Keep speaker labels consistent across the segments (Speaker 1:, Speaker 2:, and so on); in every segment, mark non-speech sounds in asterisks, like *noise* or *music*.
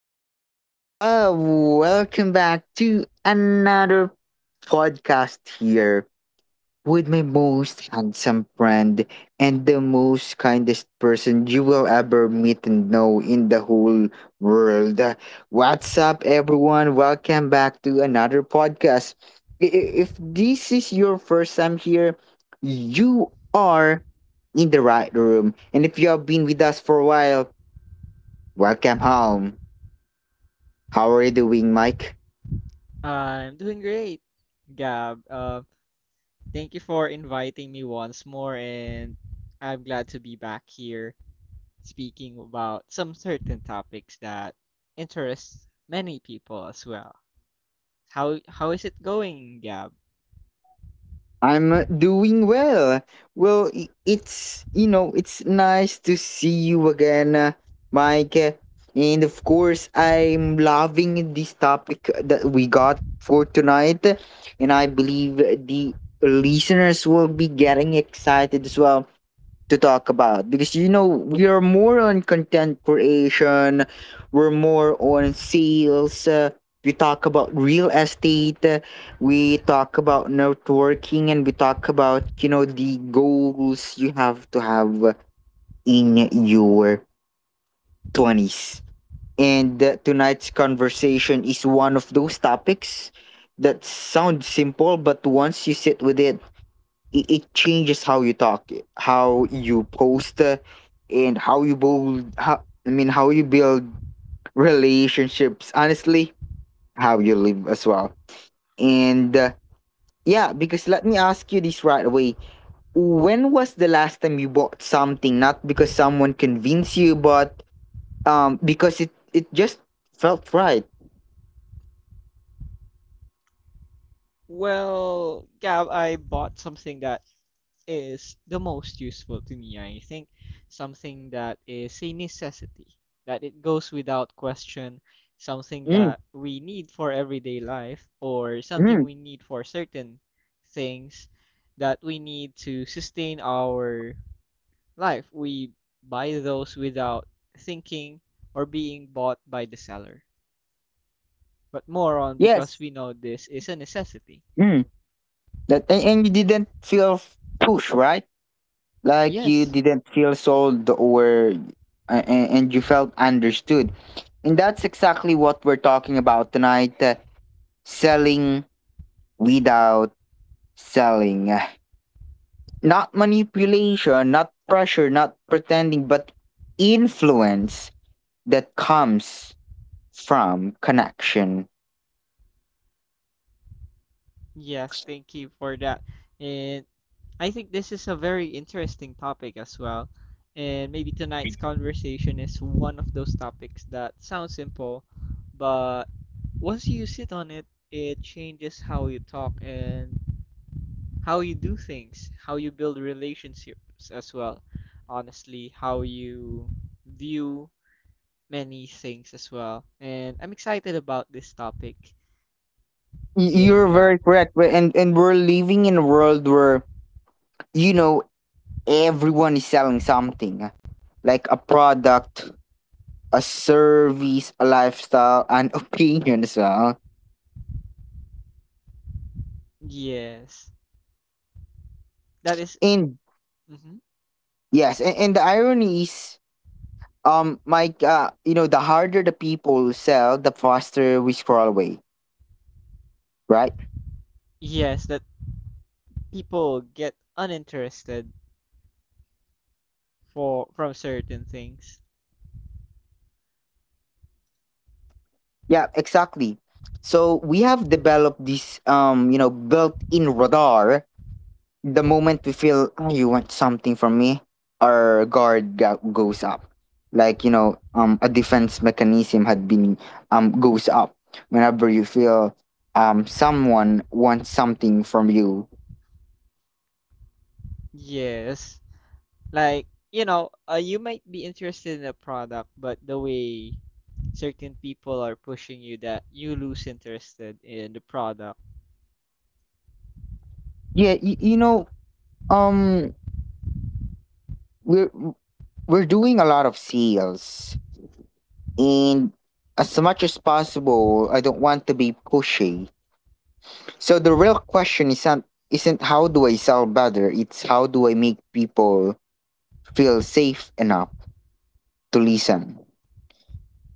Speaker 1: What's up? Welcome back to another podcast here with my most handsome friend and the most kindest person you will ever meet and know in the whole world. What's up, everyone? Welcome back to another podcast. If this is your first time here, you are in the right room. And if you have been with us for a while, welcome home. How are you doing, Mike?
Speaker 2: I'm doing great, Gab. Thank you for inviting me once more, and I'm glad to be back here speaking about some certain topics that interest many people as well. How is it going, Gab?
Speaker 1: I'm doing well. Well, it's nice to see you again, Mike. And of course, I'm loving this topic that we got for tonight. And I believe the listeners will be getting excited as well to talk about, because you know we are more on content creation, we're more on sales, we talk about real estate, we talk about networking, and we talk about, you know, the goals you have to have in your twenties. And tonight's conversation is one of those topics that sound simple, but once you sit with it, it changes how you talk, how you post, and how you build. How you build relationships. Honestly, how you live as well. And yeah, because let me ask you this right away. When was the last time you bought something? Not because someone convinced you, but because it just felt right.
Speaker 2: Well, Gab, I bought something that is the most useful to me. I think something that is a necessity, that it goes without question, something
Speaker 1: Mm,
Speaker 2: that we need for everyday life, or something
Speaker 1: mm,
Speaker 2: we need for certain things that we need to sustain our life. We buy those without thinking or being bought by the seller, but more on because
Speaker 1: yes.
Speaker 2: we know this is a necessity.
Speaker 1: Mm. That, and you didn't feel pushed, right? Like you
Speaker 2: Yes,
Speaker 1: didn't feel sold, or and you felt understood. And that's exactly what we're talking about tonight: selling without selling. Not manipulation, not pressure, not pretending, but influence that comes from connection.
Speaker 2: yes, Thank you for that. And I think this is a very interesting topic as well. And maybe tonight's conversation is one of those topics that sounds simple, but once you sit on it, it changes how you talk and how you do things, how you build relationships as well. Honestly, how you view many things as well. And I'm excited about this topic
Speaker 1: Y-
Speaker 2: again,
Speaker 1: You're
Speaker 2: Gab.
Speaker 1: very correct. And we're living in a world where, you know, everyone is selling something, like a product, a service, a lifestyle, an opinion as well.
Speaker 2: Yes. That is-
Speaker 1: And
Speaker 2: mhm.
Speaker 1: yes, and the irony is, Mike, you know, the harder the people sell, the faster we scroll away, right?
Speaker 2: Yes, that people get uninterested for from certain things.
Speaker 1: Yeah, exactly. So we have developed this, you know, built-in radar. The moment we feel, "Ah, you want something from me," our guard goes up. Like, you know, a defense mechanism had been, goes up whenever you feel someone wants something from you.
Speaker 2: Yes. Like, you know, you might be interested in a product, but the way certain people are pushing you that you lose interested in the product.
Speaker 1: Yeah, you know, um, we're we're doing a lot of sales, and as much as possible I don't want to be pushy. So the real question isn't how do I sell better, it's how do I make people feel safe enough to listen.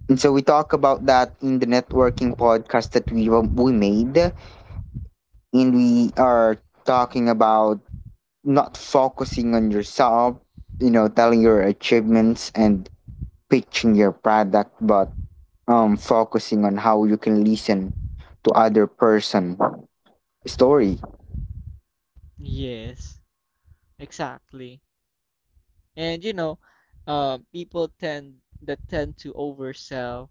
Speaker 1: And so we talk about that in the networking podcast that we made, and we are talking about not focusing on yourself, you know, telling your achievements and pitching your product, but focusing on how you can listen to other person story.
Speaker 2: Yes, exactly. And you know, people tend to oversell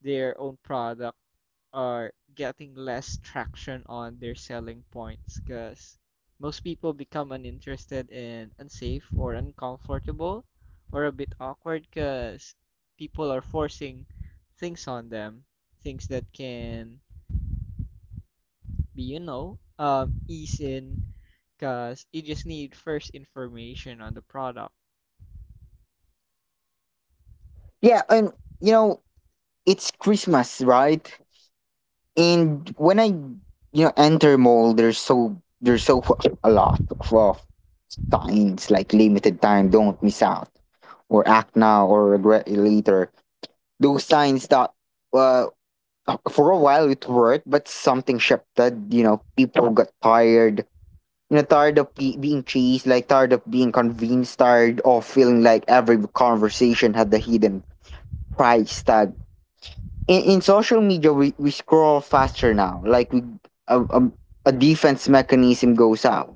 Speaker 2: their own product are getting less traction on their selling points because most people become uninterested and unsafe or uncomfortable or a bit awkward because people are forcing things on them, things that can be, ease in because you just need first information on the product.
Speaker 1: Yeah, and you know, it's Christmas, right? And when I, you know, enter mall, there's so, there's so *laughs* a lot of signs like limited time, don't miss out, or act now, or regret it later. Those signs that, uh, for a while it worked, but something shifted. You know, people got tired. You know, tired of being chased, like tired of being convinced, tired of feeling like every conversation had the hidden price tag. In social media we scroll faster now, like we, a, a, a defense mechanism goes out,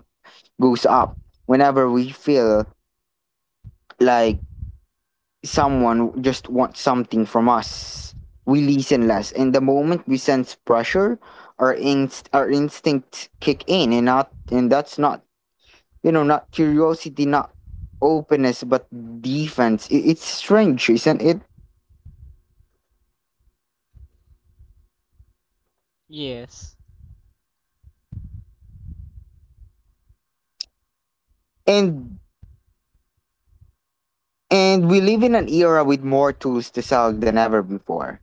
Speaker 1: goes up, whenever we feel like someone just wants something from us. We listen less, and the moment we sense pressure our instincts kick in, and not and that's not, you know, not curiosity, not openness, but defense. It's strange, isn't it?
Speaker 2: Yes,
Speaker 1: and and we live in an era with more tools to sell than ever before,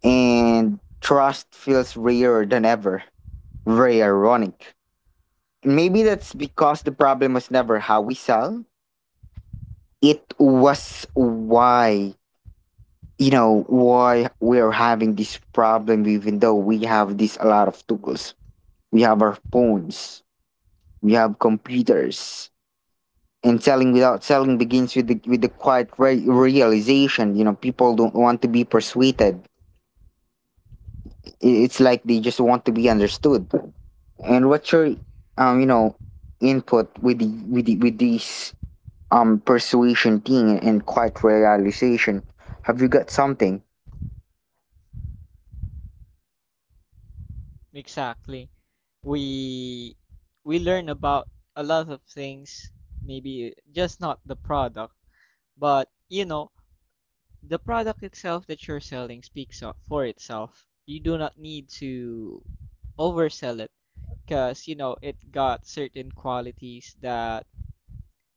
Speaker 1: and trust feels rarer than ever. Very ironic. Maybe that's because the problem was never how we sell. It was why, you know, why we're having this problem, even though we have this a lot of tools. We have our phones, we have computers. And selling without selling begins with the quiet realization, you know, people don't want to be persuaded. I- It's like they just want to be understood. And what's your, you know, input with the with the, with these persuasion thing and quiet realization? Have you got something?
Speaker 2: exactly. We we learn about a lot of things, maybe just not the product. But, you know, the product itself that you're selling speaks for itself. You do not need to oversell it because, you know, it got certain qualities that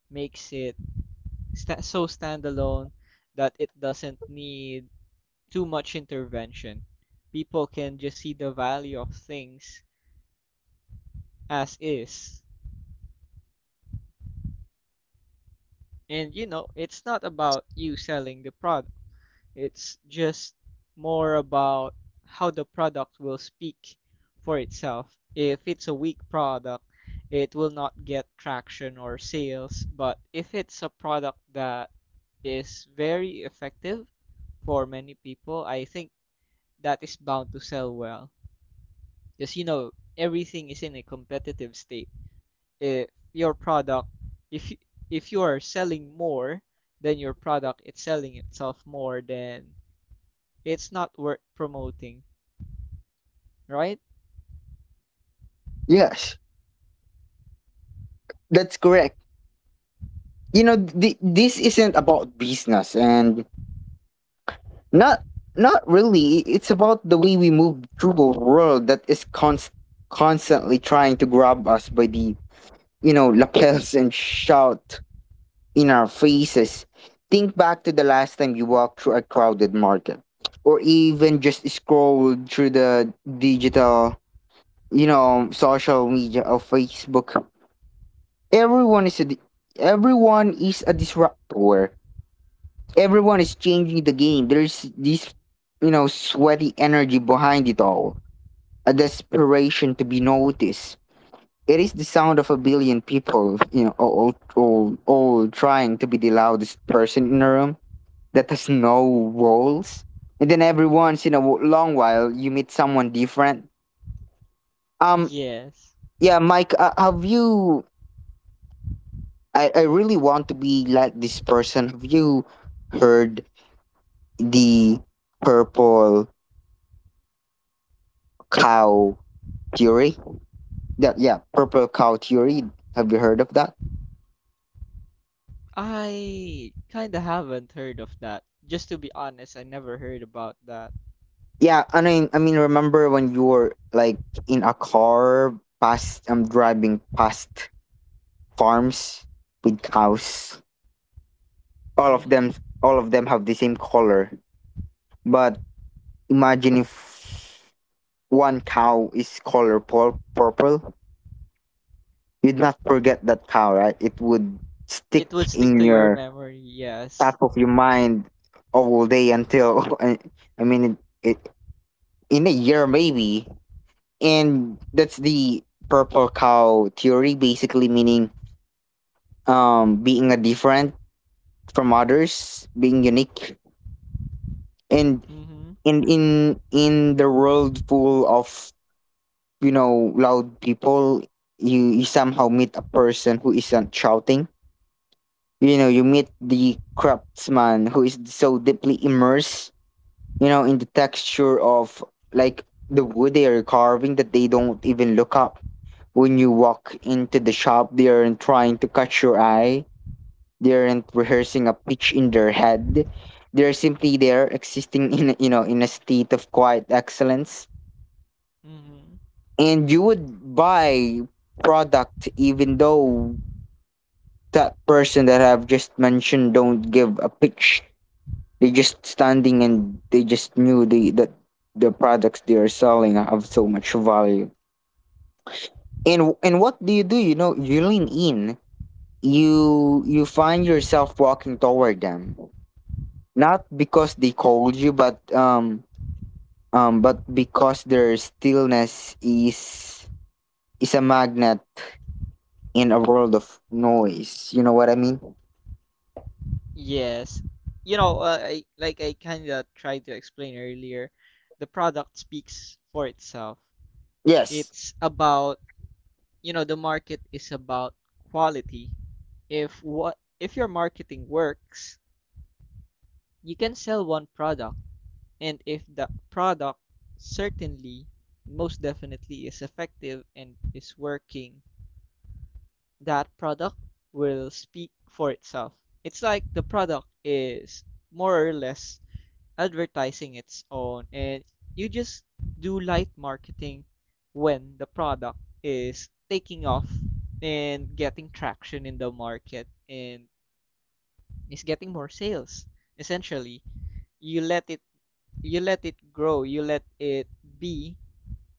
Speaker 2: makes it sta so standalone that it doesn't need too much intervention. People can just see the value of things as is. And, you know, it's not about you selling the prod. It's just more about how the product will speak for itself. If it's a weak product, it will not get traction or sales. But if it's a product that is very effective for many people, I think that is bound to sell well. Because you know, everything is in a competitive state. If your product, if you, if you are selling more, then your product is selling itself more, then it's not worth promoting, right?
Speaker 1: Yes, that's correct. You know, this isn't about business, and not not really. It's about the way we move through the world, that is constantly trying to grab us by the, you know, lapels and shout in our faces. Think back to the last time you walked through a crowded market, or even just scrolled through the digital, you know, social media of Facebook. Everyone is a disruptor. Everyone is changing the game. There's this, you know, sweaty energy behind it all. A desperation to be noticed. It is the sound of a billion people, you know, all trying to be the loudest person in a room that has no walls. And then every once in a long while, you meet someone different. Um,
Speaker 2: Yes.
Speaker 1: yeah, Mike, have you? I really want to be like this person. Have you heard the purple cow theory? That, yeah, purple cow theory. Have you heard of that?
Speaker 2: I kinda haven't heard of that. Just to be honest, I never heard about that.
Speaker 1: Yeah, remember when you were like in a car past? I'm driving past farms with cows, all of
Speaker 2: Mm-hmm.
Speaker 1: them all of them have the same color. But imagine if one cow is color purple, you'd not forget that cow, right? It would stick
Speaker 2: It would stick
Speaker 1: in
Speaker 2: to your
Speaker 1: your
Speaker 2: memory, yes.
Speaker 1: top of your mind all day, until *laughs* it, it, in a year maybe. And that's the purple cow theory, basically meaning being a different from others, being unique. and
Speaker 2: Mm-hmm.
Speaker 1: and in the world full of, you know, loud people, you somehow meet a person who isn't shouting. You know, you meet the craftsman who is so deeply immersed, you know, in the texture of like the wood they are carving, that they don't even look up when you walk into the shop. They aren't trying to catch your eye, they aren't rehearsing a pitch in their head, they're simply there, existing in a- you know, in a state of quiet excellence.
Speaker 2: Mm-hmm.
Speaker 1: And you would buy product, even though that person that I've just mentioned don't give a pitch. They just standing, and they just knew the that the products they are selling have so much value. And what do? You know, you lean in. You find yourself walking toward them, not because they called you, but because their stillness is a magnet in a world of noise. You know what I mean?
Speaker 2: Yes. You know, I, like I kinda tried to explain earlier, the product speaks for itself.
Speaker 1: Yes,
Speaker 2: It's about, you know, the market is about quality. If your marketing works, you can sell one product. And if the product certainly most definitely is effective and is working, that product will speak for itself. It's like the product is more or less advertising its own, and you just do light marketing when the product is taking off and getting traction in the market and is getting more sales. Essentially, you let it you let it grow, you let it be,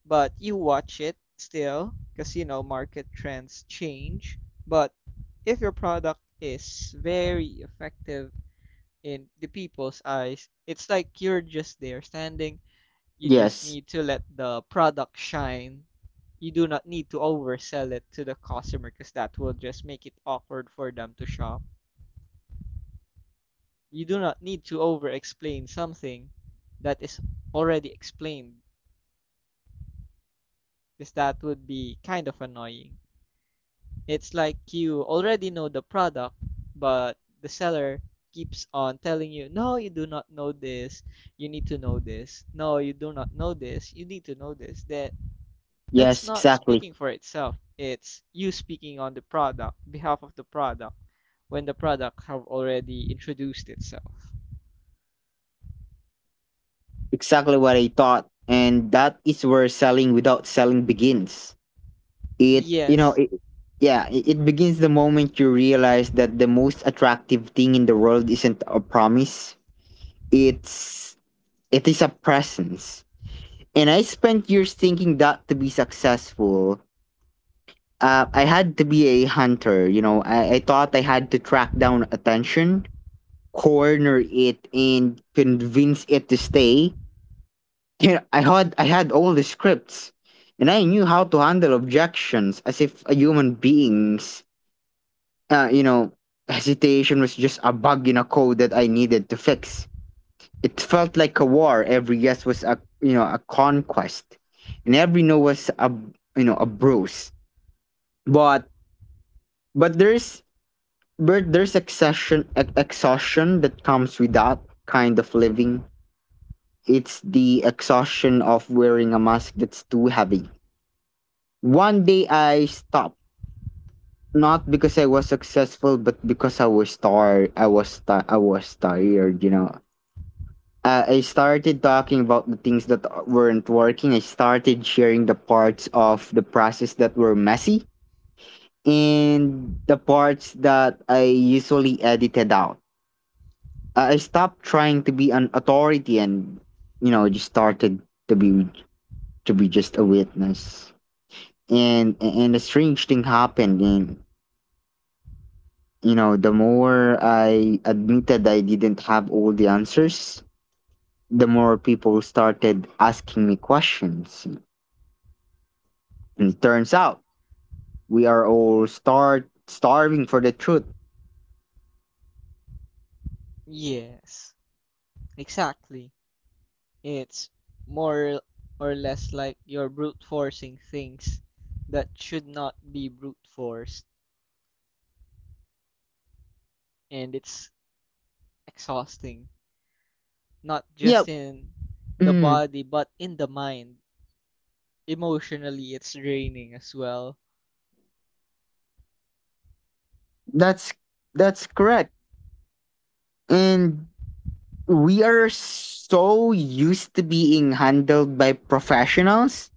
Speaker 2: but you watch it still because you know market trends change. But if your product is very effective in the people's eyes, it's like you're just there standing. You just
Speaker 1: yes,
Speaker 2: need to let the product shine. You do not need to oversell it to the customer because that will just make it awkward for them to shop. You do not need to over explain something that is already explained because that would be kind of annoying. It's like you already know the product, but the seller keeps on telling you, no, you do not know this. You need to know this. No, you do not know this. You need to know this. That's
Speaker 1: yes,
Speaker 2: not
Speaker 1: exactly.
Speaker 2: speaking for itself. It's you speaking on the product, behalf of the product, when the product have already introduced itself.
Speaker 1: Exactly what I thought. And that is where selling without selling begins. It, you know,
Speaker 2: Yes.
Speaker 1: it, yeah, it begins the moment you realize that the most attractive thing in the world isn't a promise, it's it is a presence. And I spent years thinking that to be successful, I had to be a hunter. You know, I thought I had to track down attention, corner it, and convince it to stay. You know, I had all the scripts, and I knew how to handle objections as if a human being's you know, hesitation was just a bug in a code that I needed to fix. It felt like a war. Every yes was a, you know, a conquest, and every no was a, you know, a bruise. But but there's there's exhaustion, exhaustion that comes with that kind of living. It's the exhaustion of wearing a mask that's too heavy. One day I stopped, not because I was successful, but because I was tired. I was tired, you know. I started talking about the things that weren't working. I started sharing the parts of the process that were messy, and the parts that I usually edited out. I stopped trying to be an authority, and you know just started to be just a witness. And a strange thing happened. And you know, the more I admitted I didn't have all the answers, the more people started asking me questions. And it turns out we are all start starving for the truth.
Speaker 2: Yes. Exactly. It's more or less like you're brute forcing things that should not be brute forced, and it's exhausting, not just
Speaker 1: Yep.
Speaker 2: in the
Speaker 1: mm,
Speaker 2: body but in the mind. Emotionally, it's draining as well.
Speaker 1: that's correct. And we are so used to being handled by professionals,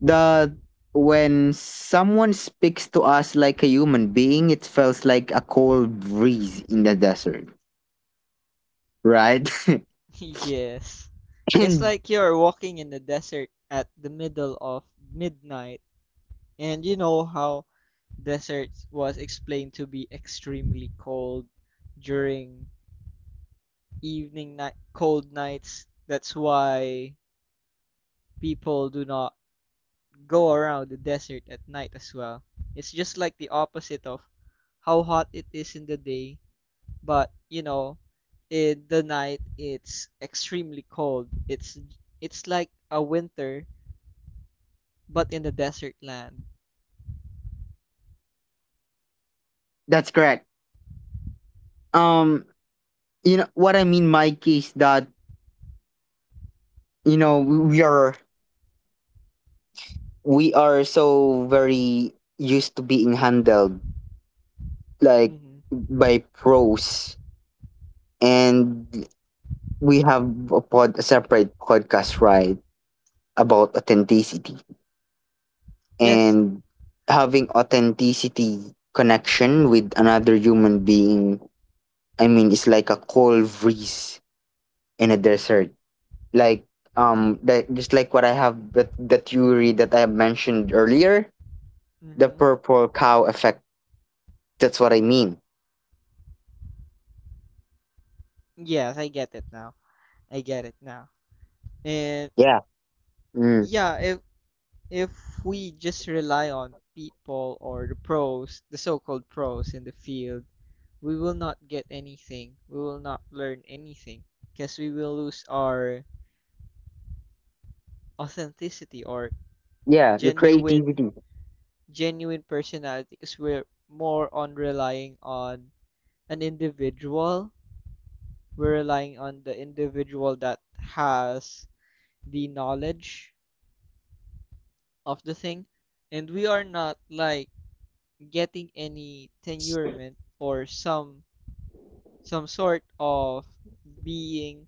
Speaker 1: the when someone speaks to us like a human being, it feels like a cold breeze in the desert, right?
Speaker 2: *laughs* Yes.
Speaker 1: *laughs*
Speaker 2: It's
Speaker 1: And
Speaker 2: like you're walking in the desert at the middle of midnight, and you know how desert was explained to be extremely cold during evening night cold nights. That's why people do not go around the desert at night as well. It's just like the opposite of how hot it is in the day, but you know, in the night it's extremely cold. It's like a winter but in the desert land.
Speaker 1: that's correct. Um, you know what I mean, Mike, is that you know we are we are so very used to being handled, like,
Speaker 2: Hmm.
Speaker 1: by pros, and we have a separate podcast, right, about authenticity
Speaker 2: Yes.
Speaker 1: and having authenticity connection with another human being. I mean, it's like a cold breeze in a desert, like, that, just like what I have that the theory that I have mentioned earlier, the
Speaker 2: Hmm.
Speaker 1: purple cow effect. That's what I mean.
Speaker 2: Yes, I get it now. I get it now. And
Speaker 1: Yeah. Mm.
Speaker 2: yeah, if we just rely on people or the pros, the so-called pros in the field, we will not get anything. We will not learn anything because we will lose our authenticity or
Speaker 1: Yeah, your
Speaker 2: genuine
Speaker 1: creativity.
Speaker 2: genuine personality because we're more on relying on an individual. We're relying on the individual that has the knowledge of the thing, and we are not like getting any tenurement or some sort of being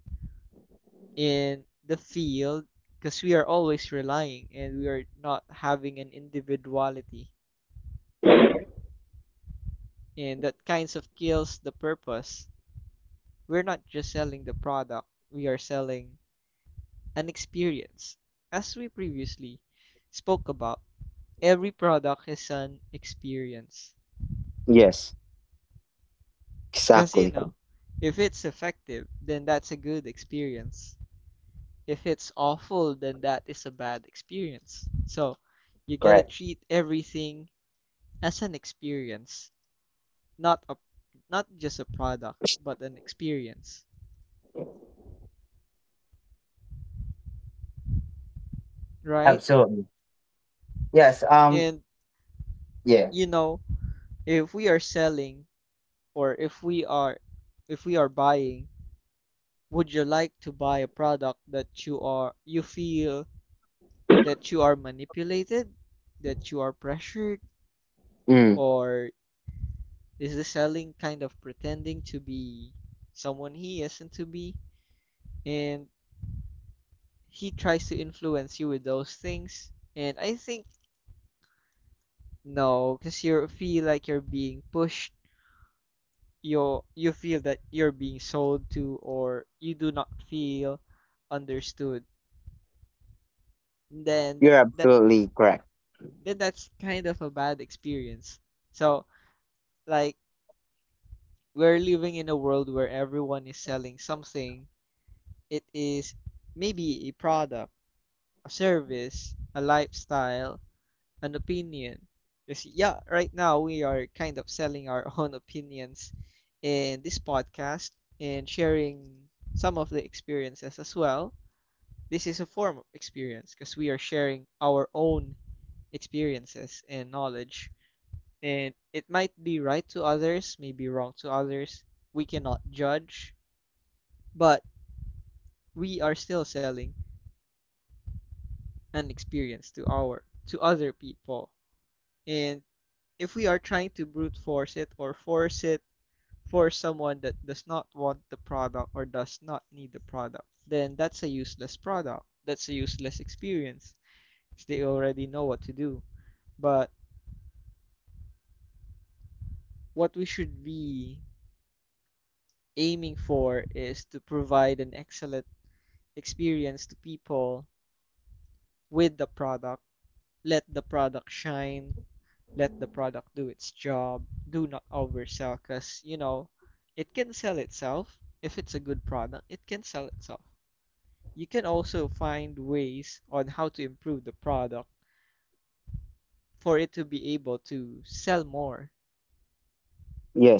Speaker 2: in the field because we are always relying and we are not having an individuality, and that kinds of kills the purpose. We're not just selling the product, we are selling an experience. As we previously spoke about, every product is an experience
Speaker 1: Yes,
Speaker 2: because you
Speaker 1: exactly.
Speaker 2: know, if it's effective then that's a good experience. If it's awful, then that is a bad experience. So you gotta
Speaker 1: Correct.
Speaker 2: treat everything as an experience, not a not just a product, but an experience, right?
Speaker 1: Absolutely. Yes.
Speaker 2: And
Speaker 1: Yeah.
Speaker 2: you know, if we are selling or if we are buying, would you like to buy a product that you are you feel that you are manipulated, that you are pressured,
Speaker 1: Mm.
Speaker 2: or this is selling kind of pretending to be someone he isn't to be, and he tries to influence you with those things? And I think no, because you feel like you're being pushed. You feel that you're being sold to, or you do not feel understood. Then th-
Speaker 1: You're
Speaker 2: that
Speaker 1: absolutely correct.
Speaker 2: then that's kind of a bad experience. So like we're living in a world where everyone is selling something. It is maybe a product, a service, a lifestyle, an opinion. Because, yeah, right now we are kind of selling our *laughs* own opinions in this podcast and sharing some of the experiences as well. This is a form of experience because we are sharing our own experiences and knowledge. And it might be right to others, maybe wrong to others. We cannot judge, but we are still selling an experience to our to other people. And if we are trying to brute force it or force it for someone that does not want the product or does not need the product, then that's a useless product. That's a useless experience. They already know what to do. But what we should be aiming for is to provide an excellent experience to people with the product. Let the product shine. Let the product do its job. Do not oversell because, you know, it can sell itself. If it's a good product, it can sell itself. You can also find ways on how to improve the product for it to be able to sell more,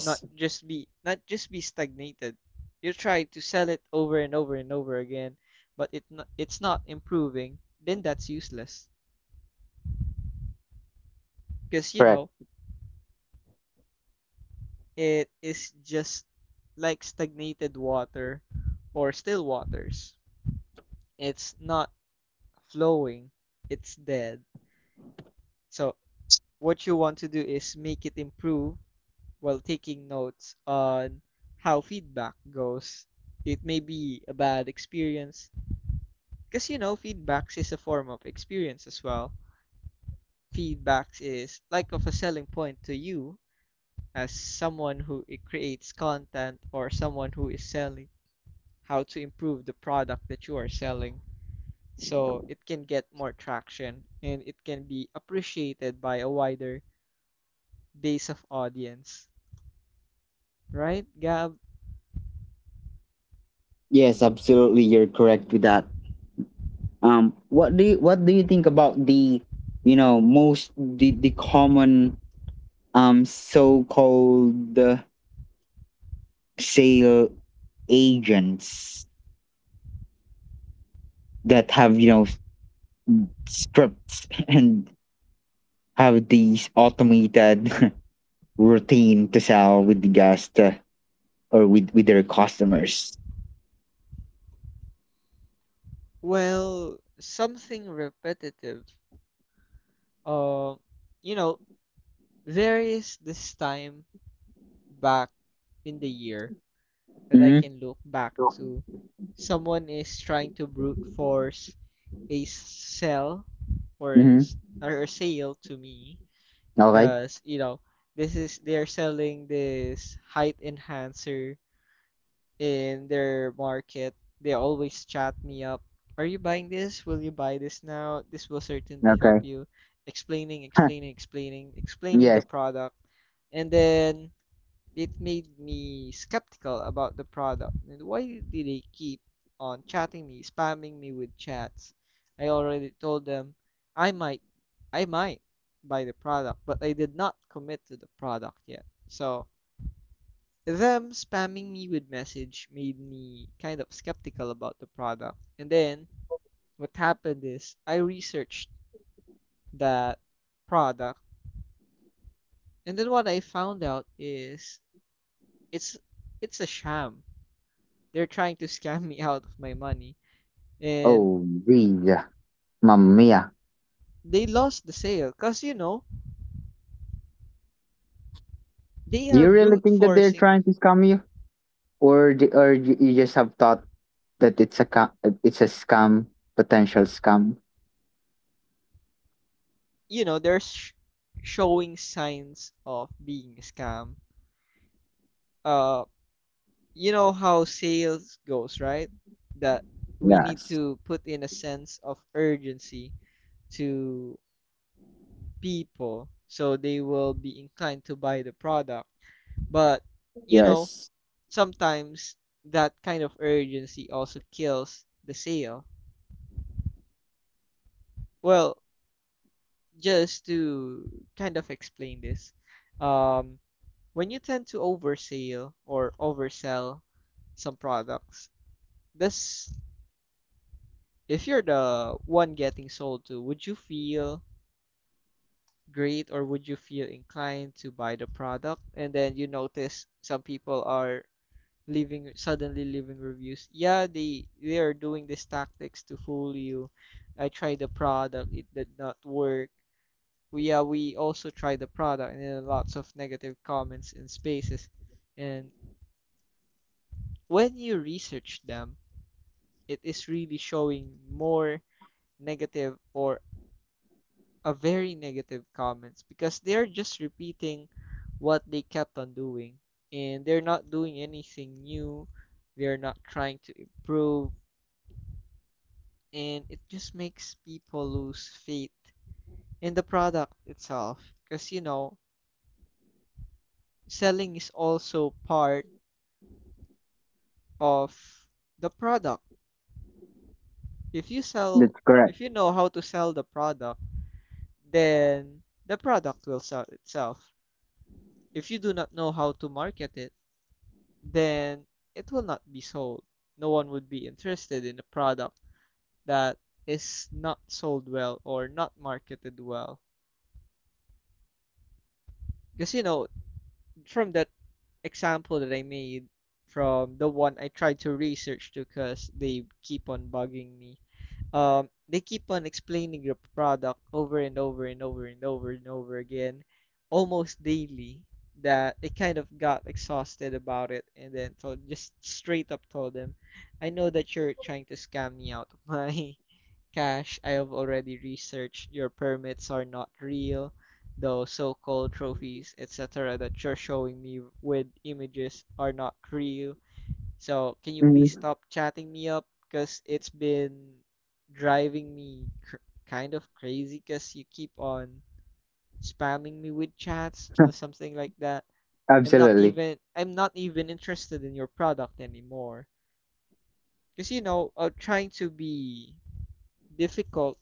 Speaker 2: not just be not just be stagnated. You try to sell it over and over and over again, but it's not improving, then that's useless. Because you
Speaker 1: Correct.
Speaker 2: know, it is just like stagnated water or still waters. It's not flowing, it's dead. So, what you want to do is make it improve while taking notes on how feedback goes. It may be a bad experience because you know feedbacks is a form of experience as well. Feedbacks is like of a selling point to you as someone who creates content or someone who is selling how to improve the product that you are selling so it can get more traction and it can be appreciated by a wider base of audience, right, Gab?
Speaker 1: Yes, absolutely, you're correct with that. What do you think about the, most — the common, so called, sale agents that have, scripts *laughs* and have these automated *laughs* routine to sell with the guest, or with their customers?
Speaker 2: Well, something repetitive. um you know, there is this time back in the year that I
Speaker 1: Mm-hmm.
Speaker 2: can look back to. Someone is trying to brute force a sell
Speaker 1: Mm-hmm.
Speaker 2: or a sale to me
Speaker 1: Okay.
Speaker 2: because you know this is they're selling this height enhancer in their market. They always chat me up. Are you buying this? Will you buy this now? This will certainly help
Speaker 1: Okay.
Speaker 2: you. Explaining, explaining, explaining,
Speaker 1: *laughs*
Speaker 2: explaining the
Speaker 1: Yes.
Speaker 2: product, and then it made me skeptical about the product and why did they keep on chatting me, spamming me with chats? I already told them I might I might buy the product, but I did not commit to the product yet. So them spamming me with message made me kind of skeptical about the product. And then what happened is I researched that product, and then what I found out is it's it's a sham. They're trying to scam me out of my money, and
Speaker 1: Oh, geez. Mamma mia.
Speaker 2: they lost the sale because, you know, they
Speaker 1: Do
Speaker 2: are
Speaker 1: you really
Speaker 2: brute
Speaker 1: think that they're
Speaker 2: forcing.
Speaker 1: trying to scam you? Or or you just have thought that it's it's a scam, potential scam?
Speaker 2: You know, showing signs of being a scam. uh you know how sales goes, right? That we need
Speaker 1: Yes.
Speaker 2: to put in a sense of urgency to people so they will be inclined to buy the product. But, you know,
Speaker 1: Yes,
Speaker 2: sometimes that kind of urgency also kills the sale. Well, just to kind of explain this, um, when you tend to oversell or oversell some products, this if you're the one getting sold to, would you feel great, or would you feel inclined to buy the product? And then you notice some people are leaving, suddenly leaving reviews. Yeah, they are doing these tactics to fool you. I tried the product, it did not work. We, yeah, we also tried the product, and then lots of negative comments and spaces. And when you research them, it is really showing more negative, or a very negative comments, because they're just repeating what they kept on doing, and they're not doing anything new. They're not trying to improve, and it just makes people lose faith in the product itself. Because, you know, selling is also part of the product. If you
Speaker 1: that's
Speaker 2: sell,
Speaker 1: correct.
Speaker 2: if you know how to sell the product, then the product will sell itself. If you do not know how to market it, then it will not be sold. No one would be interested in a product that is not sold well or not marketed well. Because, you know, from that example that I made, from the one I tried to research to, because they keep on bugging me. They keep on explaining your product over and over and over and over and over again, almost daily, that they kind of got exhausted about it, and then so just straight up told them, I know that you're trying to scam me out of my *laughs* cash. I have already researched, your permits are not real. Those so-called trophies, etc., that you're showing me with images are not real. So, can you please
Speaker 1: Mhm.
Speaker 2: stop chatting me up? Because it's been driving me cr kind of crazy, because you keep on spamming me with chats or
Speaker 1: *laughs*
Speaker 2: something like that.
Speaker 1: Absolutely,
Speaker 2: I'm not even interested in your product anymore. Because, you know, trying to be difficult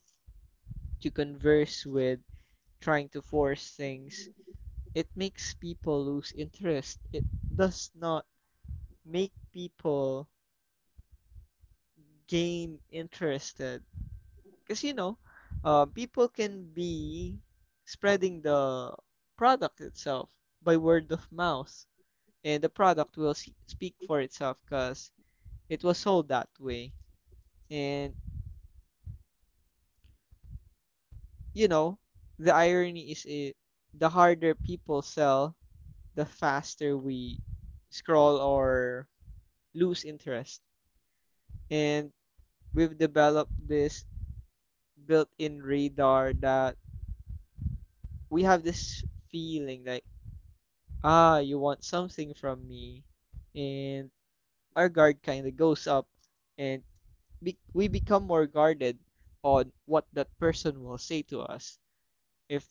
Speaker 2: to converse with, trying to force things, it makes people lose interest. It does not make people gain interested. Because, you know, people can be spreading the product itself by word of mouth, and the product will speak for itself because it was sold that way. And, you know, the irony is it, the harder people sell, the faster we scroll or lose interest. And we've developed this built-in radar that we have this feeling that, ah, you want something from me. And our guard kind of goes up, and we become more guarded on what that person will say to us. If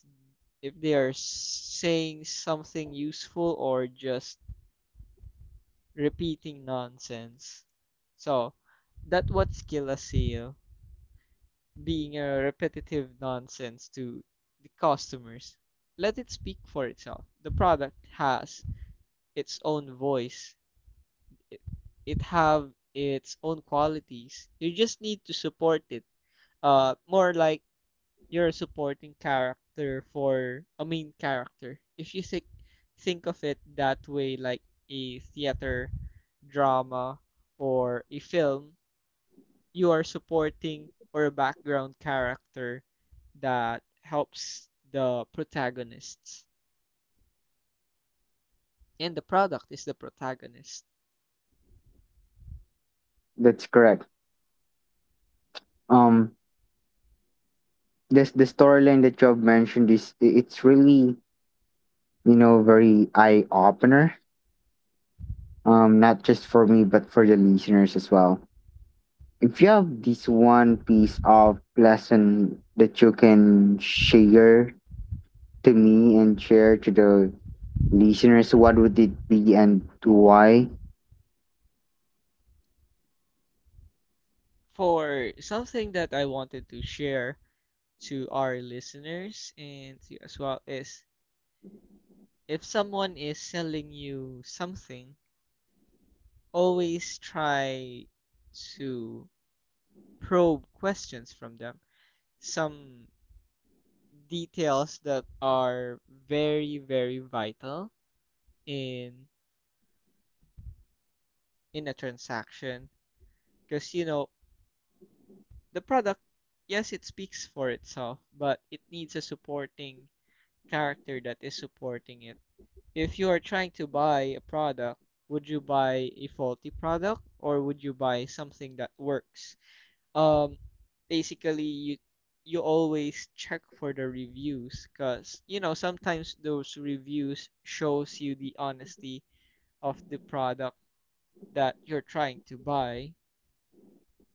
Speaker 2: they are saying something useful or just repeating nonsense. So, that what skill a sale being a repetitive nonsense to the customers. Let it speak for itself. The product has its own voice. it, it have its own qualities. You just need to support it. More like you're a supporting character for a main character. If you think of it that way, like a theater drama or a film, you are supporting or a background character that helps the protagonists. And the product is the protagonist.
Speaker 1: that's correct. um this, the storyline that you have mentioned, is it's really, very eye opener, not just for me but for the listeners as well. If you have this one piece of lesson that you can share to me and share to the listeners, what would it be and why?
Speaker 2: For something that I wanted to share to our listeners and to you as well is, if someone is selling you something, always try to probe questions from them. Some details that are very, very vital in a transaction, because, you know, the product, yes, it speaks for itself, but it needs a supporting character that is supporting it. If you are trying to buy a product, would you buy a faulty product, or would you buy something that works? Um, Basically, you always check for the reviews, because, you know, sometimes those reviews shows you the honesty of the product that you're trying to buy,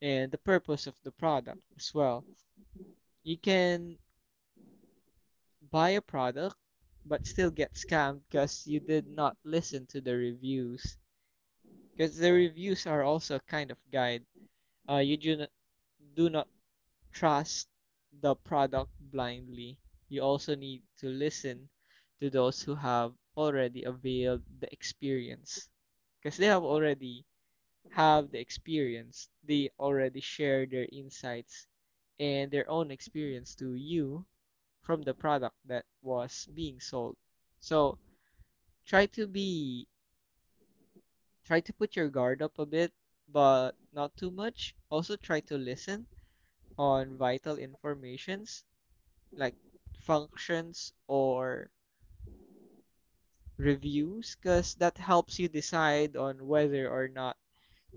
Speaker 2: and the purpose of the product as well. You can buy a product but still get scammed because you did not listen to the reviews, because the reviews are also kind of guide. You do not trust the product blindly. You also need to listen to those who have already availed the experience, because they have already have the experience. They already share their insights and their own experience to you from the product that was being sold. So try to be, try to put your guard up a bit, but not too much. Also, try to listen on vital informations like functions or reviews, because that helps you decide on whether or not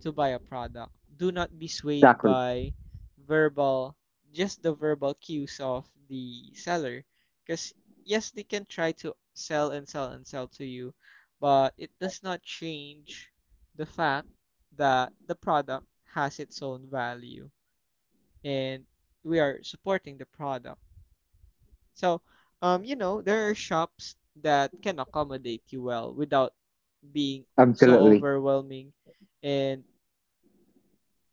Speaker 2: to buy a product. Do not be swayed
Speaker 1: Exactly.
Speaker 2: by verbal, just the verbal cues of the seller. Because, yes, they can try to sell and sell and sell to you, but it does not change the fact that the product has its own value, and we are supporting the product. So, you know, there are shops that can accommodate you well without being so
Speaker 1: Absolutely.
Speaker 2: overwhelming. And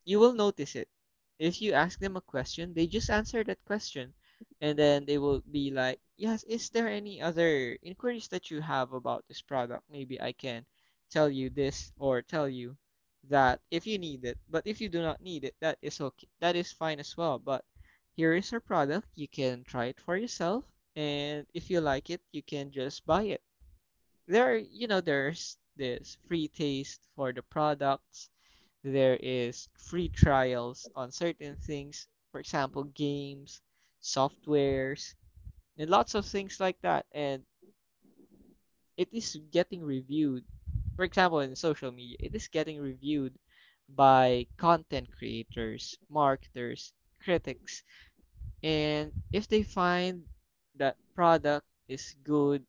Speaker 2: you will notice it. If you ask them a question, they just answer that question. And then they will be like, yes, is there any other inquiries that you have about this product? Maybe I can tell you this or tell you that if you need it. But if you do not need it, that is okay. That is fine as well. But here is our product. You can try it for yourself. And if you like it, you can just buy it. There, you know, there's this free taste for the products, there is free trials on certain things, for example, games, softwares, and lots of things like that. And it is getting reviewed, for example, in social media, it is getting reviewed by content creators, marketers, critics. And if they find that product is good,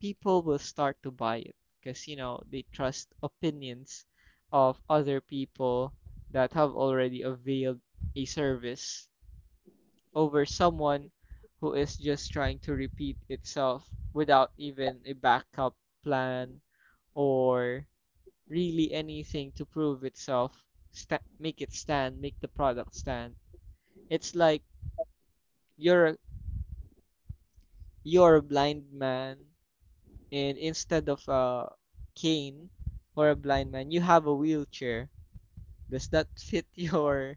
Speaker 2: people will start to buy it because, you know, they trust opinions of other people that have already availed a service over someone who is just trying to repeat itself without even a backup plan or really anything to prove itself, make it stand, make the product stand. It's like you're you're a blind man, and instead of a cane for a blind man, you have a wheelchair. Does that fit *laughs* your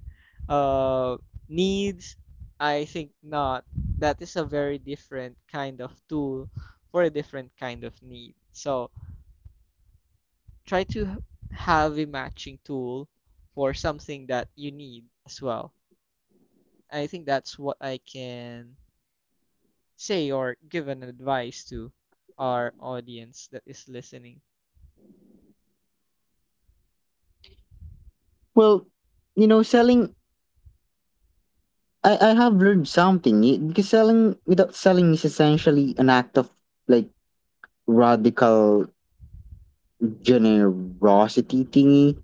Speaker 2: uh, needs? I think not. That is a very different kind of tool for a different kind of need. So try to have a matching tool for something that you need as well. I think that's what I can say or give an advice to our audience that is listening.
Speaker 1: Well, selling — I have learned something, because selling without selling is essentially an act of, like, radical generosity thingy,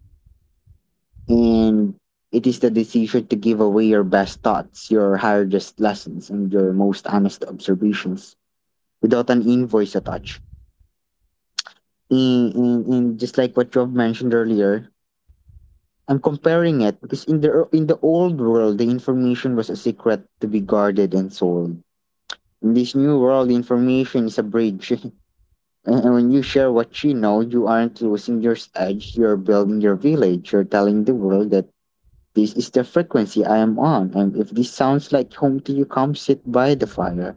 Speaker 1: and it is the decision to give away your best thoughts, your hardest lessons, and your most honest observations without an invoice attached. And, just like what you have mentioned earlier, I'm comparing
Speaker 2: Mm-hmm.
Speaker 1: it because in the old world, the information was a secret to be guarded and sold. In this new world, information is a bridge, *laughs* and when you share what you know, you aren't losing your edge. You're building your village. You're telling the world that this is the frequency I am on, and if this sounds like home to you, come sit by the fire.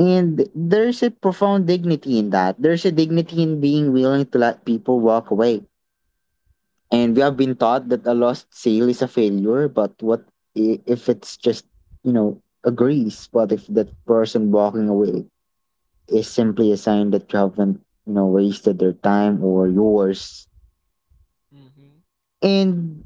Speaker 1: And there's a profound dignity in that. There's a dignity in being willing to let people walk away. And we have been taught that a lost sale is a failure, but what, if it's just, a grease? What if that person walking away is simply a sign that you haven't, wasted their time or yours?
Speaker 2: Mm-hmm.
Speaker 1: And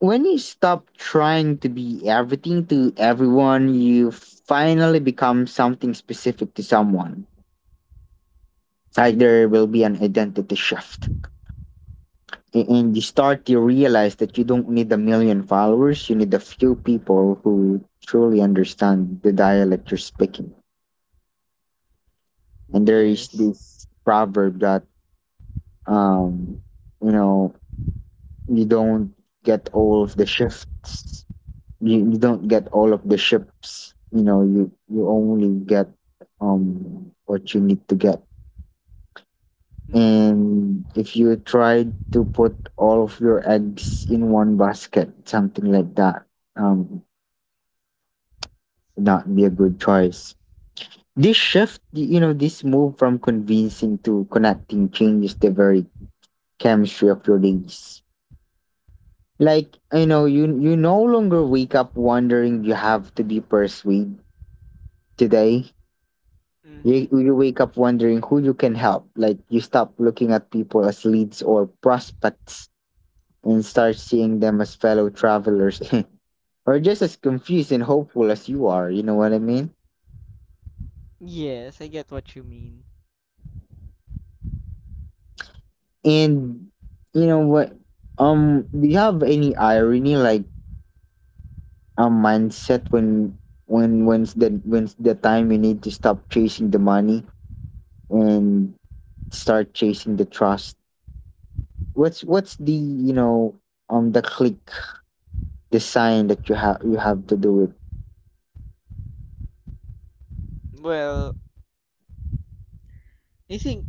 Speaker 1: when you stop trying to be everything to everyone, you finally become something specific to someone. Like, there will be an identity shift. And you start to realize that you don't need a million followers. You need a few people who truly understand the dialect you're speaking. And there is
Speaker 2: Yes.
Speaker 1: this proverb that, um you know you don't get all of the shifts. You don't get all of the ships, you know. You only get what you need to get.
Speaker 2: Mhm.
Speaker 1: And if you tried to put all of your eggs in one basket, something like that, um not be a good choice. This shift, this move from convincing to connecting changes the very chemistry of your days. Like, you no longer wake up wondering you have to be persuaded today. You,
Speaker 2: Mhm.
Speaker 1: you wake up wondering who you can help. Like, you stop looking at people as leads or prospects and start seeing them as fellow travelers, *laughs* or just as confused and hopeful as you are. You know what I mean?
Speaker 2: Yes, I get what you mean.
Speaker 1: And you know what? Do you have any irony, like a mindset, when when's the time you need to stop chasing the money and start chasing the trust? What's the click, the sign that you have to do it?
Speaker 2: Well, I think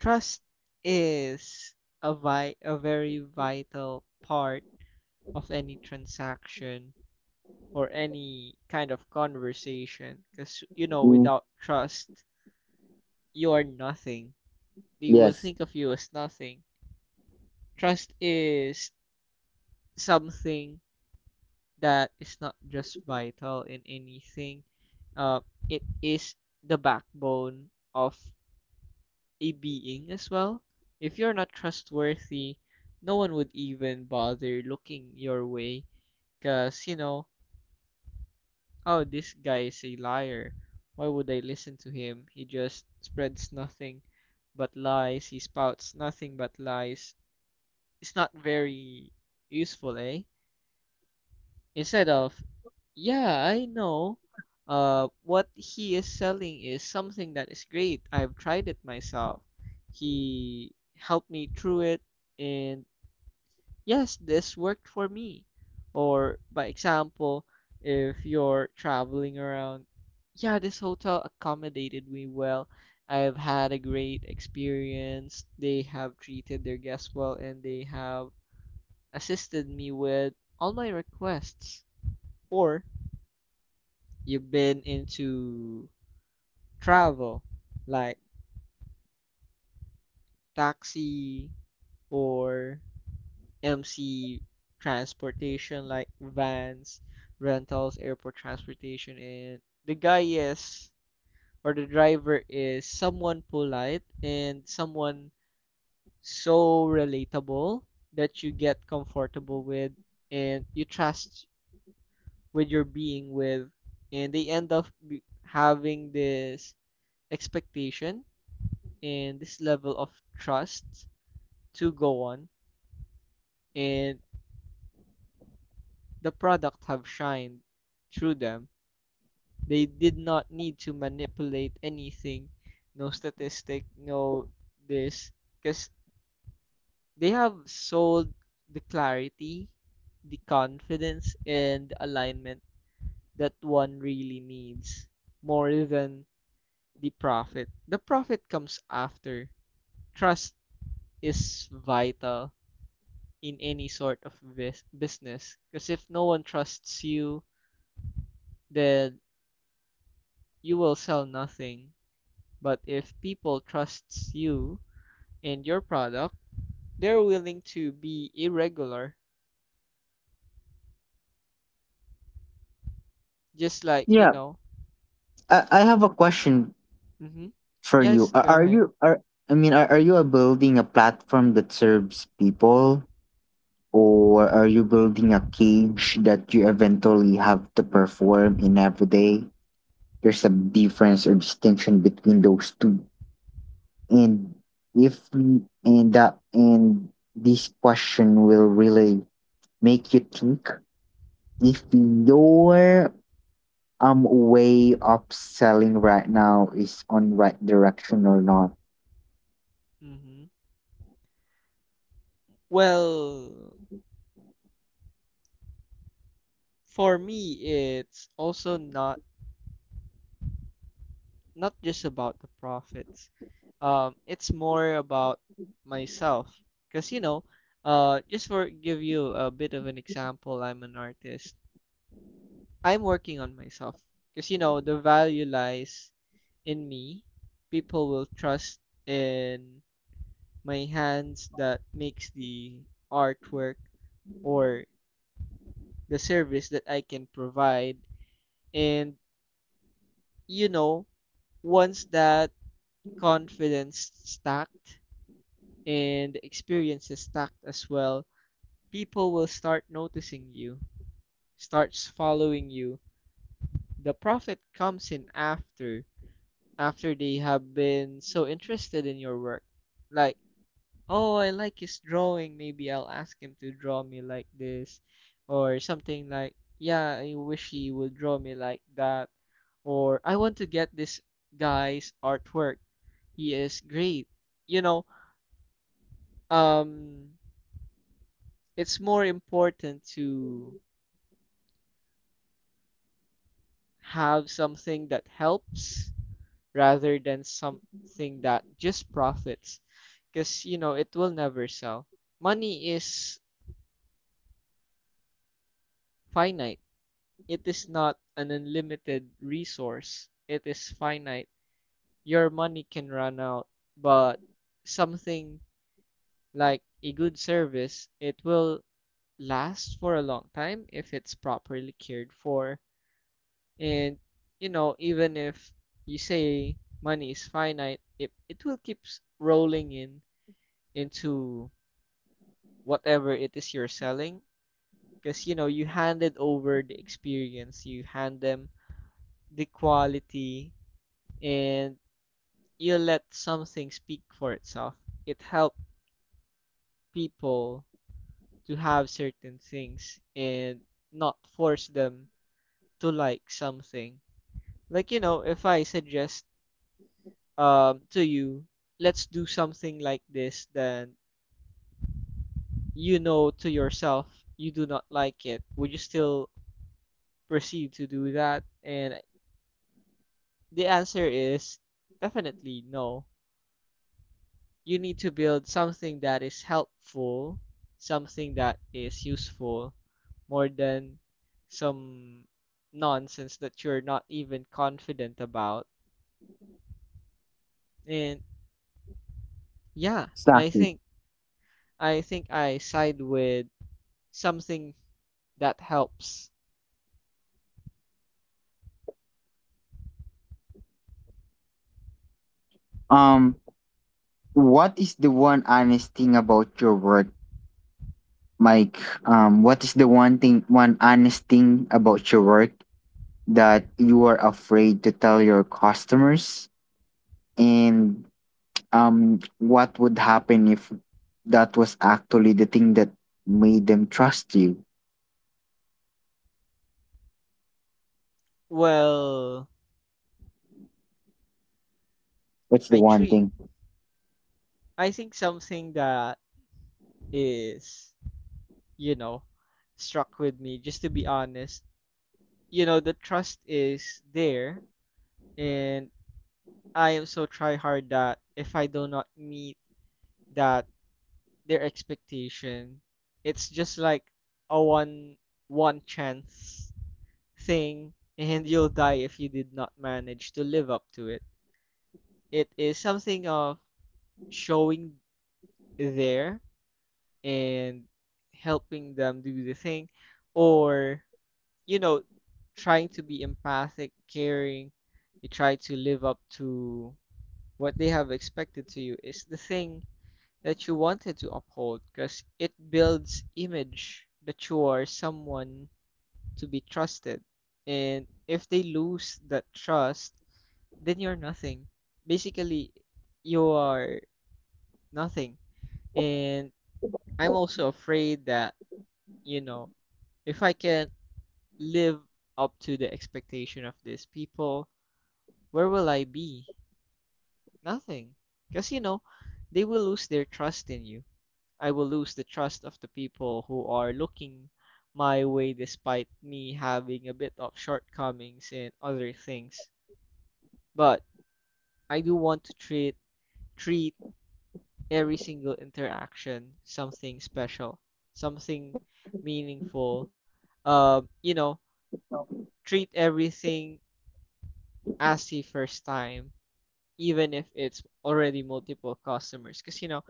Speaker 2: trust is a a very vital part of any transaction or any kind of conversation, because, you know,
Speaker 1: Mm,
Speaker 2: without trust you are nothing. They will
Speaker 1: yes.
Speaker 2: think of you as nothing. Trust is something that is not just vital in anything. Uh, it is the backbone of a being as well. If you're not trustworthy, no one would even bother looking your way because, you know, oh, this guy is a liar. Why would I listen to him? He just spreads nothing but lies. He spouts nothing but lies. It's not very useful, eh? Instead of, yeah, I know, what he is selling is something that is great, I've tried it myself, he helped me through it, and yes, this worked for me. Or by example, if you're traveling around, yeah, this hotel accommodated me well, I've had a great experience, they have treated their guests well, and they have assisted me with all my requests. Or you've been into travel like taxi or MC transportation like vans, rentals, airport transportation, and the guy is, or the driver is someone polite and someone so relatable that you get comfortable with, and you trust with your being with, and they end up having this expectation and this level of trust to go on. And the product have shined through them. They did not need to manipulate anything, no statistic, no this, because they have sold the clarity, the confidence, and the alignment that one really needs more than the profit. The profit comes after. Trust is vital in any sort of business, because if no one trusts you then you will sell nothing. But if people trusts you and your product, they're willing to be irregular, just like you
Speaker 1: Yeah.
Speaker 2: know.
Speaker 1: I have a question
Speaker 2: Mm-hmm.
Speaker 1: for
Speaker 2: Yes,
Speaker 1: you.
Speaker 2: go
Speaker 1: Are, are
Speaker 2: ahead.
Speaker 1: you are I mean, are you a building a platform that serves people? Or are you building a cage that you eventually have to perform in every day? There's a difference or distinction between those two. And if we- and that and this question will really make you think if your way of selling right now is on right direction or not.
Speaker 2: Mm-hmm. Well, for me it's also not, not just about the profits. It's more about myself because you know, just for give you a bit of an example, I'm an artist. I'm working on myself because you know the value lies in me. People will trust in my hands that makes the artwork or the service that I can provide. And you know, once that confidence stacked and experiences stacked as well, people will start noticing you, starts following you. The profit comes in after, after they have been so interested in your work. Like, oh, I like his drawing, maybe I'll ask him to draw me like this, or something like, yeah, I wish he would draw me like that, or I want to get this guy's artwork. He is great. You know, um it's more important to have something that helps rather than something that just profits because you know it will never sell. Money is finite. It is not an unlimited resource, it is finite. Your money can run out, but something like a good service, it will last for a long time if it's properly cared for. And you know, even if you say money is finite, it will keep rolling in into whatever it is you're selling, because you know you handed over the experience, you hand them the quality, and you let something speak for itself. It helped people to have certain things and not force them to like something. Like you know, if I suggest to you, let's do something like this, then you know to yourself you do not like it, would you still proceed to do that? And the answer is definitely no. You need to build something that is helpful, something that is useful, more than some nonsense that you're not even confident about. And yeah, I
Speaker 1: Exactly.
Speaker 2: think I think I side with something that helps.
Speaker 1: Um what is the one honest thing about your work, Mike? What is the one thing, one honest thing about your work that you are afraid to tell your customers? And what would happen if that was actually the thing that made them trust you?
Speaker 2: Well,
Speaker 1: What's the
Speaker 2: I
Speaker 1: one
Speaker 2: treat
Speaker 1: thing?
Speaker 2: I think something that is, you know, struck with me, just to be honest. You know, the trust is there, and I am so try hard that if I do not meet that their expectation, it's just like a one chance thing and you'll die if you did not manage to live up to it. It is something of showing there and helping them do the thing, or you know, trying to be empathic, caring. You try to live up to what they have expected to you is the thing that you wanted to uphold, because it builds image that you are someone to be trusted. And if they lose that trust, then you're nothing. Basically, you are nothing. And I'm also afraid that, you know, if I can't live up to the expectation of these people, where will I be? Nothing. Because, you know, they will lose their trust in you. I will lose the trust of the people who are looking my way despite me having a bit of shortcomings and other things. But I do want to treat every single interaction something special, something meaningful. You know, treat everything as the first time, even if it's already multiple customers. Because, you know,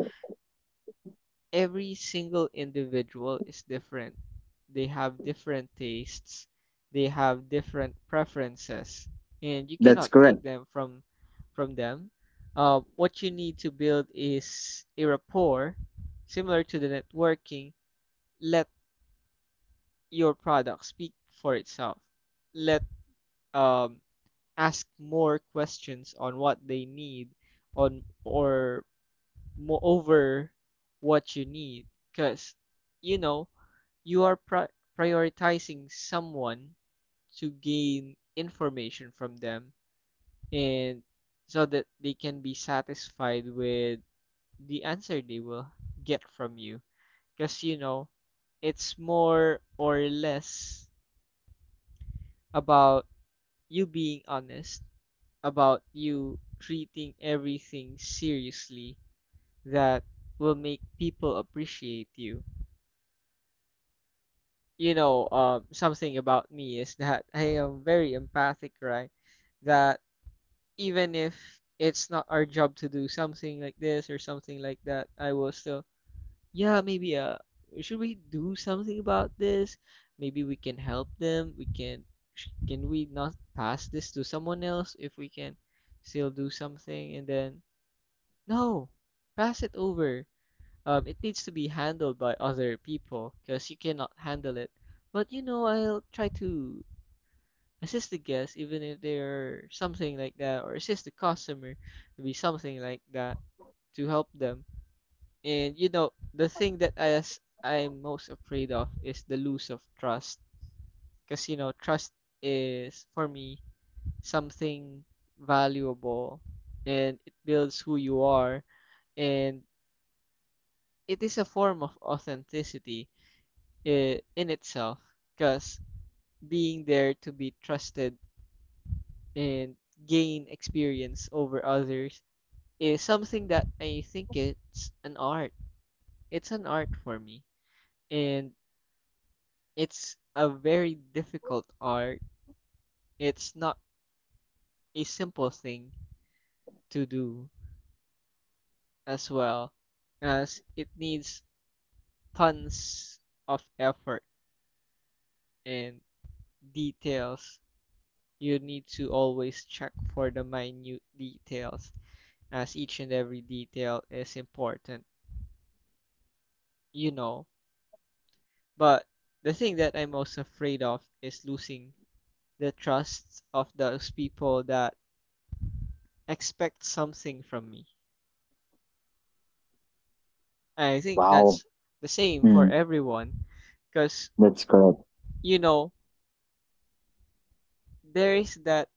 Speaker 2: every single individual is different. They have different tastes, they have different preferences, and you
Speaker 1: That's
Speaker 2: cannot take
Speaker 1: correct.
Speaker 2: them from them. What you need to build is a rapport similar to the networking. Let your product speak for itself. Let um, ask more questions on what they need on, or moreover what you need, because you know you are prioritizing someone to gain information from them, and so that they can be satisfied with the answer they will get from you, because you know it's more or less about you being honest, about you treating everything seriously, that will make people appreciate you. You know, something about me is that *laughs* I am very empathic, right? That even if it's not our job to do something like this or something like that, I will still, yeah, maybe should we do something about this? Maybe we can help them. We can, can we not pass this to someone else if we can still do something? And then no, pass it over. It needs to be handled by other people because you cannot handle it. But you know, I'll try to assist the guest, even if they're something like that, or assist the customer to be something like that to help them. And you know, the thing that I'm most afraid of is the lose of trust, because you know, trust is for me something valuable, and it builds who you are, and it is a form of authenticity, in itself, because being there to be trusted and gain experience over others is something that I think it's an art. It's an art for me, and it's a very difficult art. It's not a simple thing to do as well, as it needs tons of effort and details. You need to always check for the minute details, as each and every detail is important, you know. But the thing that I'm most afraid of is losing the trust of those people that expect something from me. And I think
Speaker 1: Wow.
Speaker 2: that's the same for
Speaker 1: Mm,
Speaker 2: everyone because,
Speaker 1: that's correct.
Speaker 2: you know, there is that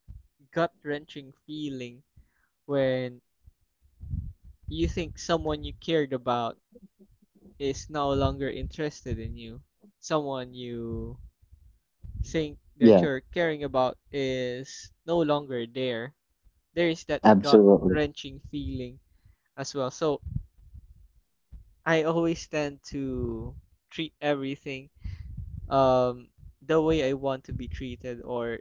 Speaker 2: gut wrenching feeling when you think someone you cared about is no longer interested in you, someone you thing that
Speaker 1: Yeah,
Speaker 2: you're caring about is no longer there, there is that gut
Speaker 1: absolutely.
Speaker 2: wrenching feeling as well. So I always tend to treat everything, um, the way I want to be treated, or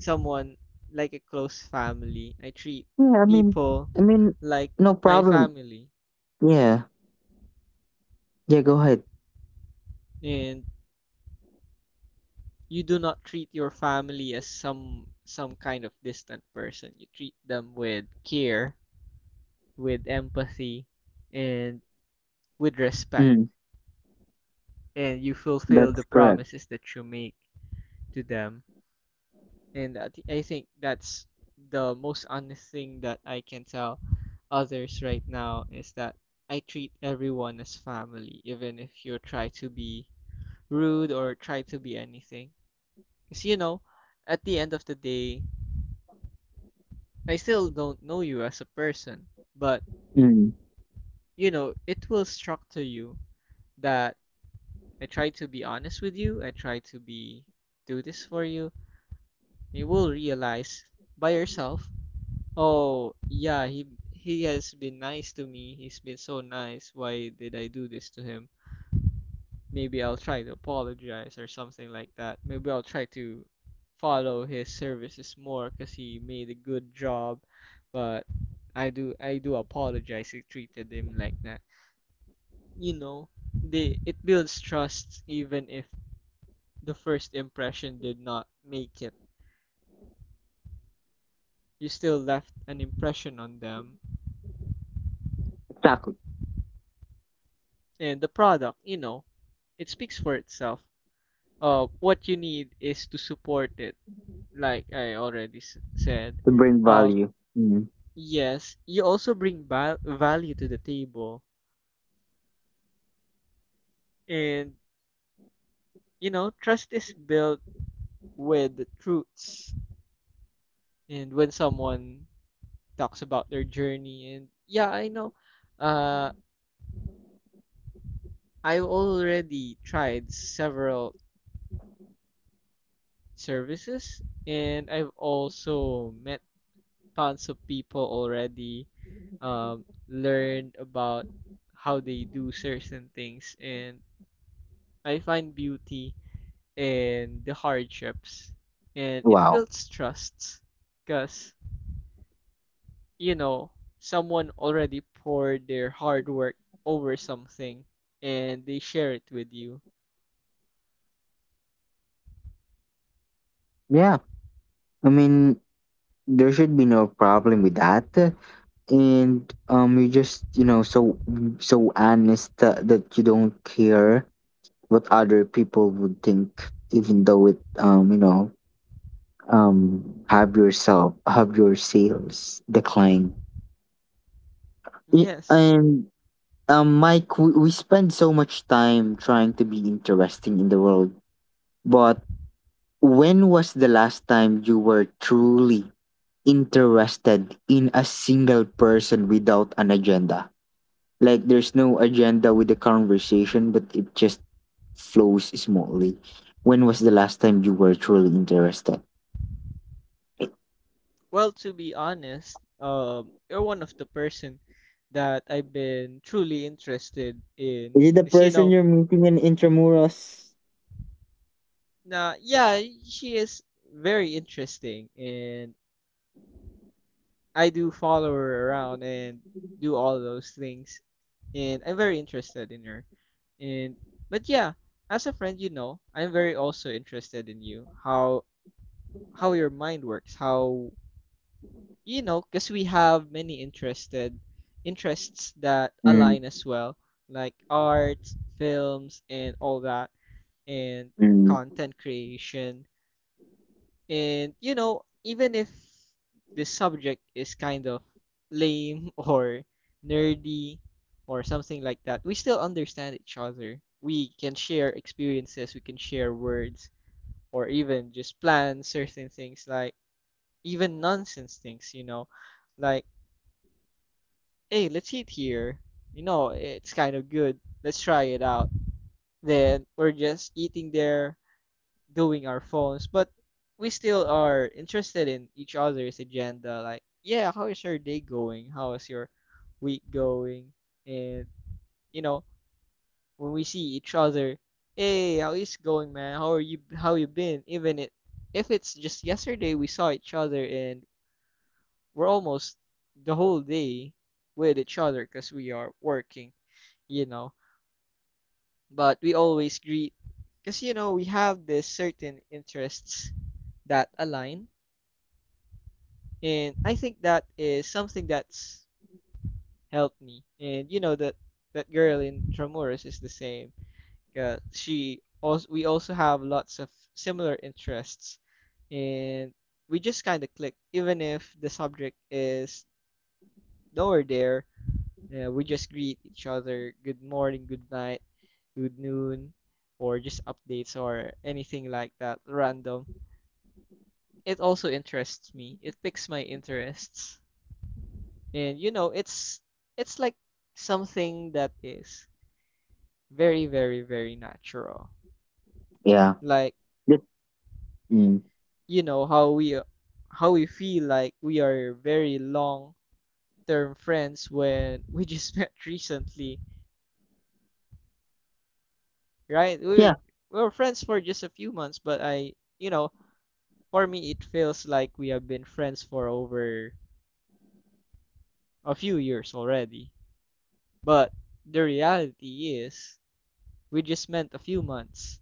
Speaker 2: someone like a close family. I treat
Speaker 1: Yeah, I mean,
Speaker 2: people
Speaker 1: I mean,
Speaker 2: like
Speaker 1: no
Speaker 2: my
Speaker 1: problem.
Speaker 2: family,
Speaker 1: Yeah, yeah, go ahead.
Speaker 2: and you do not treat your family as some kind of distant person. You treat them with care, with empathy, and with respect,
Speaker 1: Mm,
Speaker 2: and you fulfill the
Speaker 1: that's correct.
Speaker 2: promises that you make to them. And I think that's the most honest thing that I can tell others right now, is that I treat everyone as family, even if you try to be rude or try to be anything, because you know at the end of the day I still don't know you as a person. But
Speaker 1: Mm,
Speaker 2: you know it will structure you that I try to be honest with you, I try to be do this for you. You will realize by yourself, oh yeah, he has been nice to me. He's been so nice. Why did I do this to him? Maybe I'll try to apologize or something like that. Maybe I'll try to follow his services more because he made a good job. But I do apologize. I treated him like that. You know, they it builds trust even if the first impression did not make it. You still left an impression on them,
Speaker 1: exactly.
Speaker 2: and the product, you know, it speaks for itself. What you need is to support it, like I already said.
Speaker 1: To bring
Speaker 2: Um,
Speaker 1: value. Mm.
Speaker 2: yes, you also bring value to the table, and you know, trust is built with the truths. And when someone talks about their journey, and yeah, I know, uh, I've already tried several services, and I've also met tons of people already, learned about how they do certain things, and I find beauty in the hardships, and it
Speaker 1: Wow.
Speaker 2: builds trust, because you know someone already poured their hard work over something, and they share it with you.
Speaker 1: Yeah, I mean, there should be no problem with that, and you just, so honest that, you don't care what other people would think, even though it um have yourself have your sales decline. I-
Speaker 2: Yes.
Speaker 1: and Mike, we spend so much time trying to be interesting in the world, but when was the last time you were truly interested in a single person without an agenda? Like, there's no agenda with the conversation, but it just flows smoothly. When was the last time you were truly interested? I-
Speaker 2: Well, to be honest, you're one of the person that I've been truly interested in,
Speaker 1: Is it the
Speaker 2: because you
Speaker 1: person
Speaker 2: know.
Speaker 1: you're meeting in intramuros?
Speaker 2: Nah, yeah, she is very interesting, and I do follow her around and do all those things, and I'm very interested in her. And but yeah, as a friend, you know, I'm very also interested in you, how your mind works, how you know, because we have many interested interests that
Speaker 1: Mm,
Speaker 2: align as well, like arts, films, and all that, and
Speaker 1: mm,
Speaker 2: content creation. And you know, even if this subject is kind of lame *laughs* or nerdy or something like that, we still understand each other. We can share experiences, we can share words, or even just plan *laughs* certain things, like even nonsense things, you know, like, hey, let's eat here. You know, it's kind of good. Let's try it out. Then we're just eating there, doing our phones, but we still are interested in each other's agenda. Like, yeah, how is your day going? How is your week going? And you know, when we see each other, hey, how is it going, man? How are you? How you been? Even it, if it's just yesterday we saw each other and we're almost the whole day with each other because we are working, you know. But we always greet because you know we have this certain interests that align. And I think that is something that's helped me. And you know that that girl in Tramuros is the same. She also we also have lots of similar interests, and we just kind of click. Even if the subject is nowhere there, we just greet each other. Good morning, good night, good noon, or just updates or anything like that. Random. It also interests me. It picks my interests. And you know, it's like something that is very, very, very natural.
Speaker 1: yeah.
Speaker 2: Like,
Speaker 1: That- mm.
Speaker 2: you know, how we feel like we are very long-term friends when we just *laughs* met recently, right? We were
Speaker 1: Yeah.
Speaker 2: we were friends for just a few months, but I, you know, for me it feels like we have been friends for over a few years already. But the reality is we just met a few months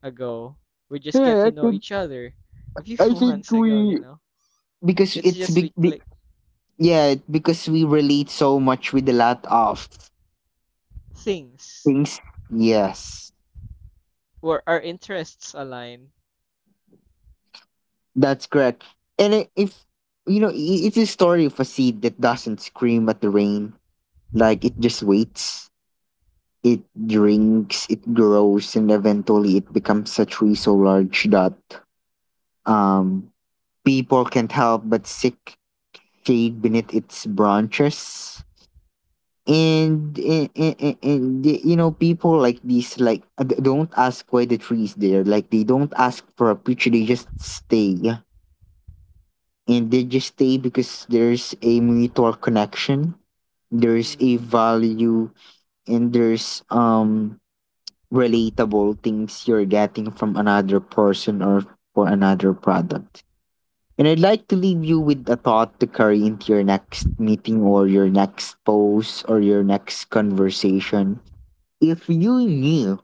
Speaker 2: ago. We just get
Speaker 1: Yeah.
Speaker 2: to
Speaker 1: I
Speaker 2: know
Speaker 1: think
Speaker 2: each other *laughs* a
Speaker 1: I
Speaker 2: few
Speaker 1: think
Speaker 2: months ago, you
Speaker 1: we,
Speaker 2: know.
Speaker 1: because
Speaker 2: It's
Speaker 1: it's
Speaker 2: just we
Speaker 1: big.
Speaker 2: click
Speaker 1: Yeah, because we relate so much with a lot of
Speaker 2: things
Speaker 1: things. Yes.
Speaker 2: where our interests align.
Speaker 1: That's correct. And I- if you know, I- it's a story of a seed that doesn't scream at the rain. Like, it just waits, it drinks, it grows, and eventually it becomes a tree so large that um people can't help but seek shade beneath its branches. And, people like these, like, don't ask why the tree is there, like they don't ask for a picture. They just stay. And they just stay because there's a mutual connection, there's a
Speaker 2: Mm-hmm.
Speaker 1: value, and there's relatable things you're getting from another person or for another product. And I'd like to leave you with a thought to carry into your next meeting or your next post or your next conversation. If you knew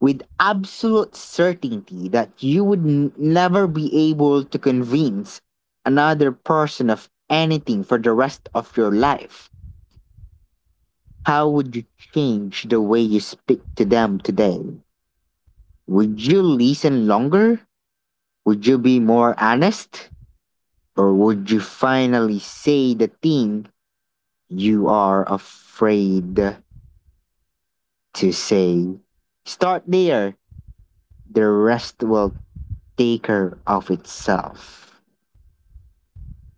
Speaker 1: with absolute certainty that you would never be able to convince another person of anything for the rest of your life, how would you change the way you speak to them today? Would you listen longer? Would you be more honest? Or would you finally say the thing you are afraid to say? Start there. The rest will take care of itself.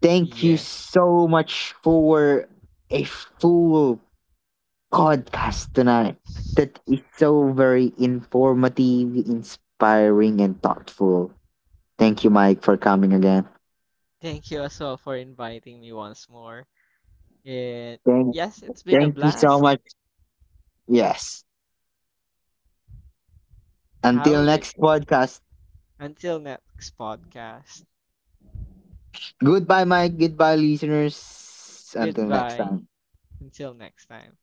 Speaker 1: Thank you
Speaker 2: Yes.
Speaker 1: so much for a full podcast tonight that is so very informative, inspiring, and thoughtful. Thank you, Mike, for coming again.
Speaker 2: Thank you as well for inviting me once more. And
Speaker 1: Thank,
Speaker 2: yes, it's been a
Speaker 1: thank you so
Speaker 2: blast.
Speaker 1: much. Yes.
Speaker 2: Have
Speaker 1: Until
Speaker 2: a great,
Speaker 1: next podcast.
Speaker 2: until next podcast.
Speaker 1: Goodbye, Mike. Goodbye, listeners. Until next
Speaker 2: Goodbye.
Speaker 1: time.
Speaker 2: Until next time.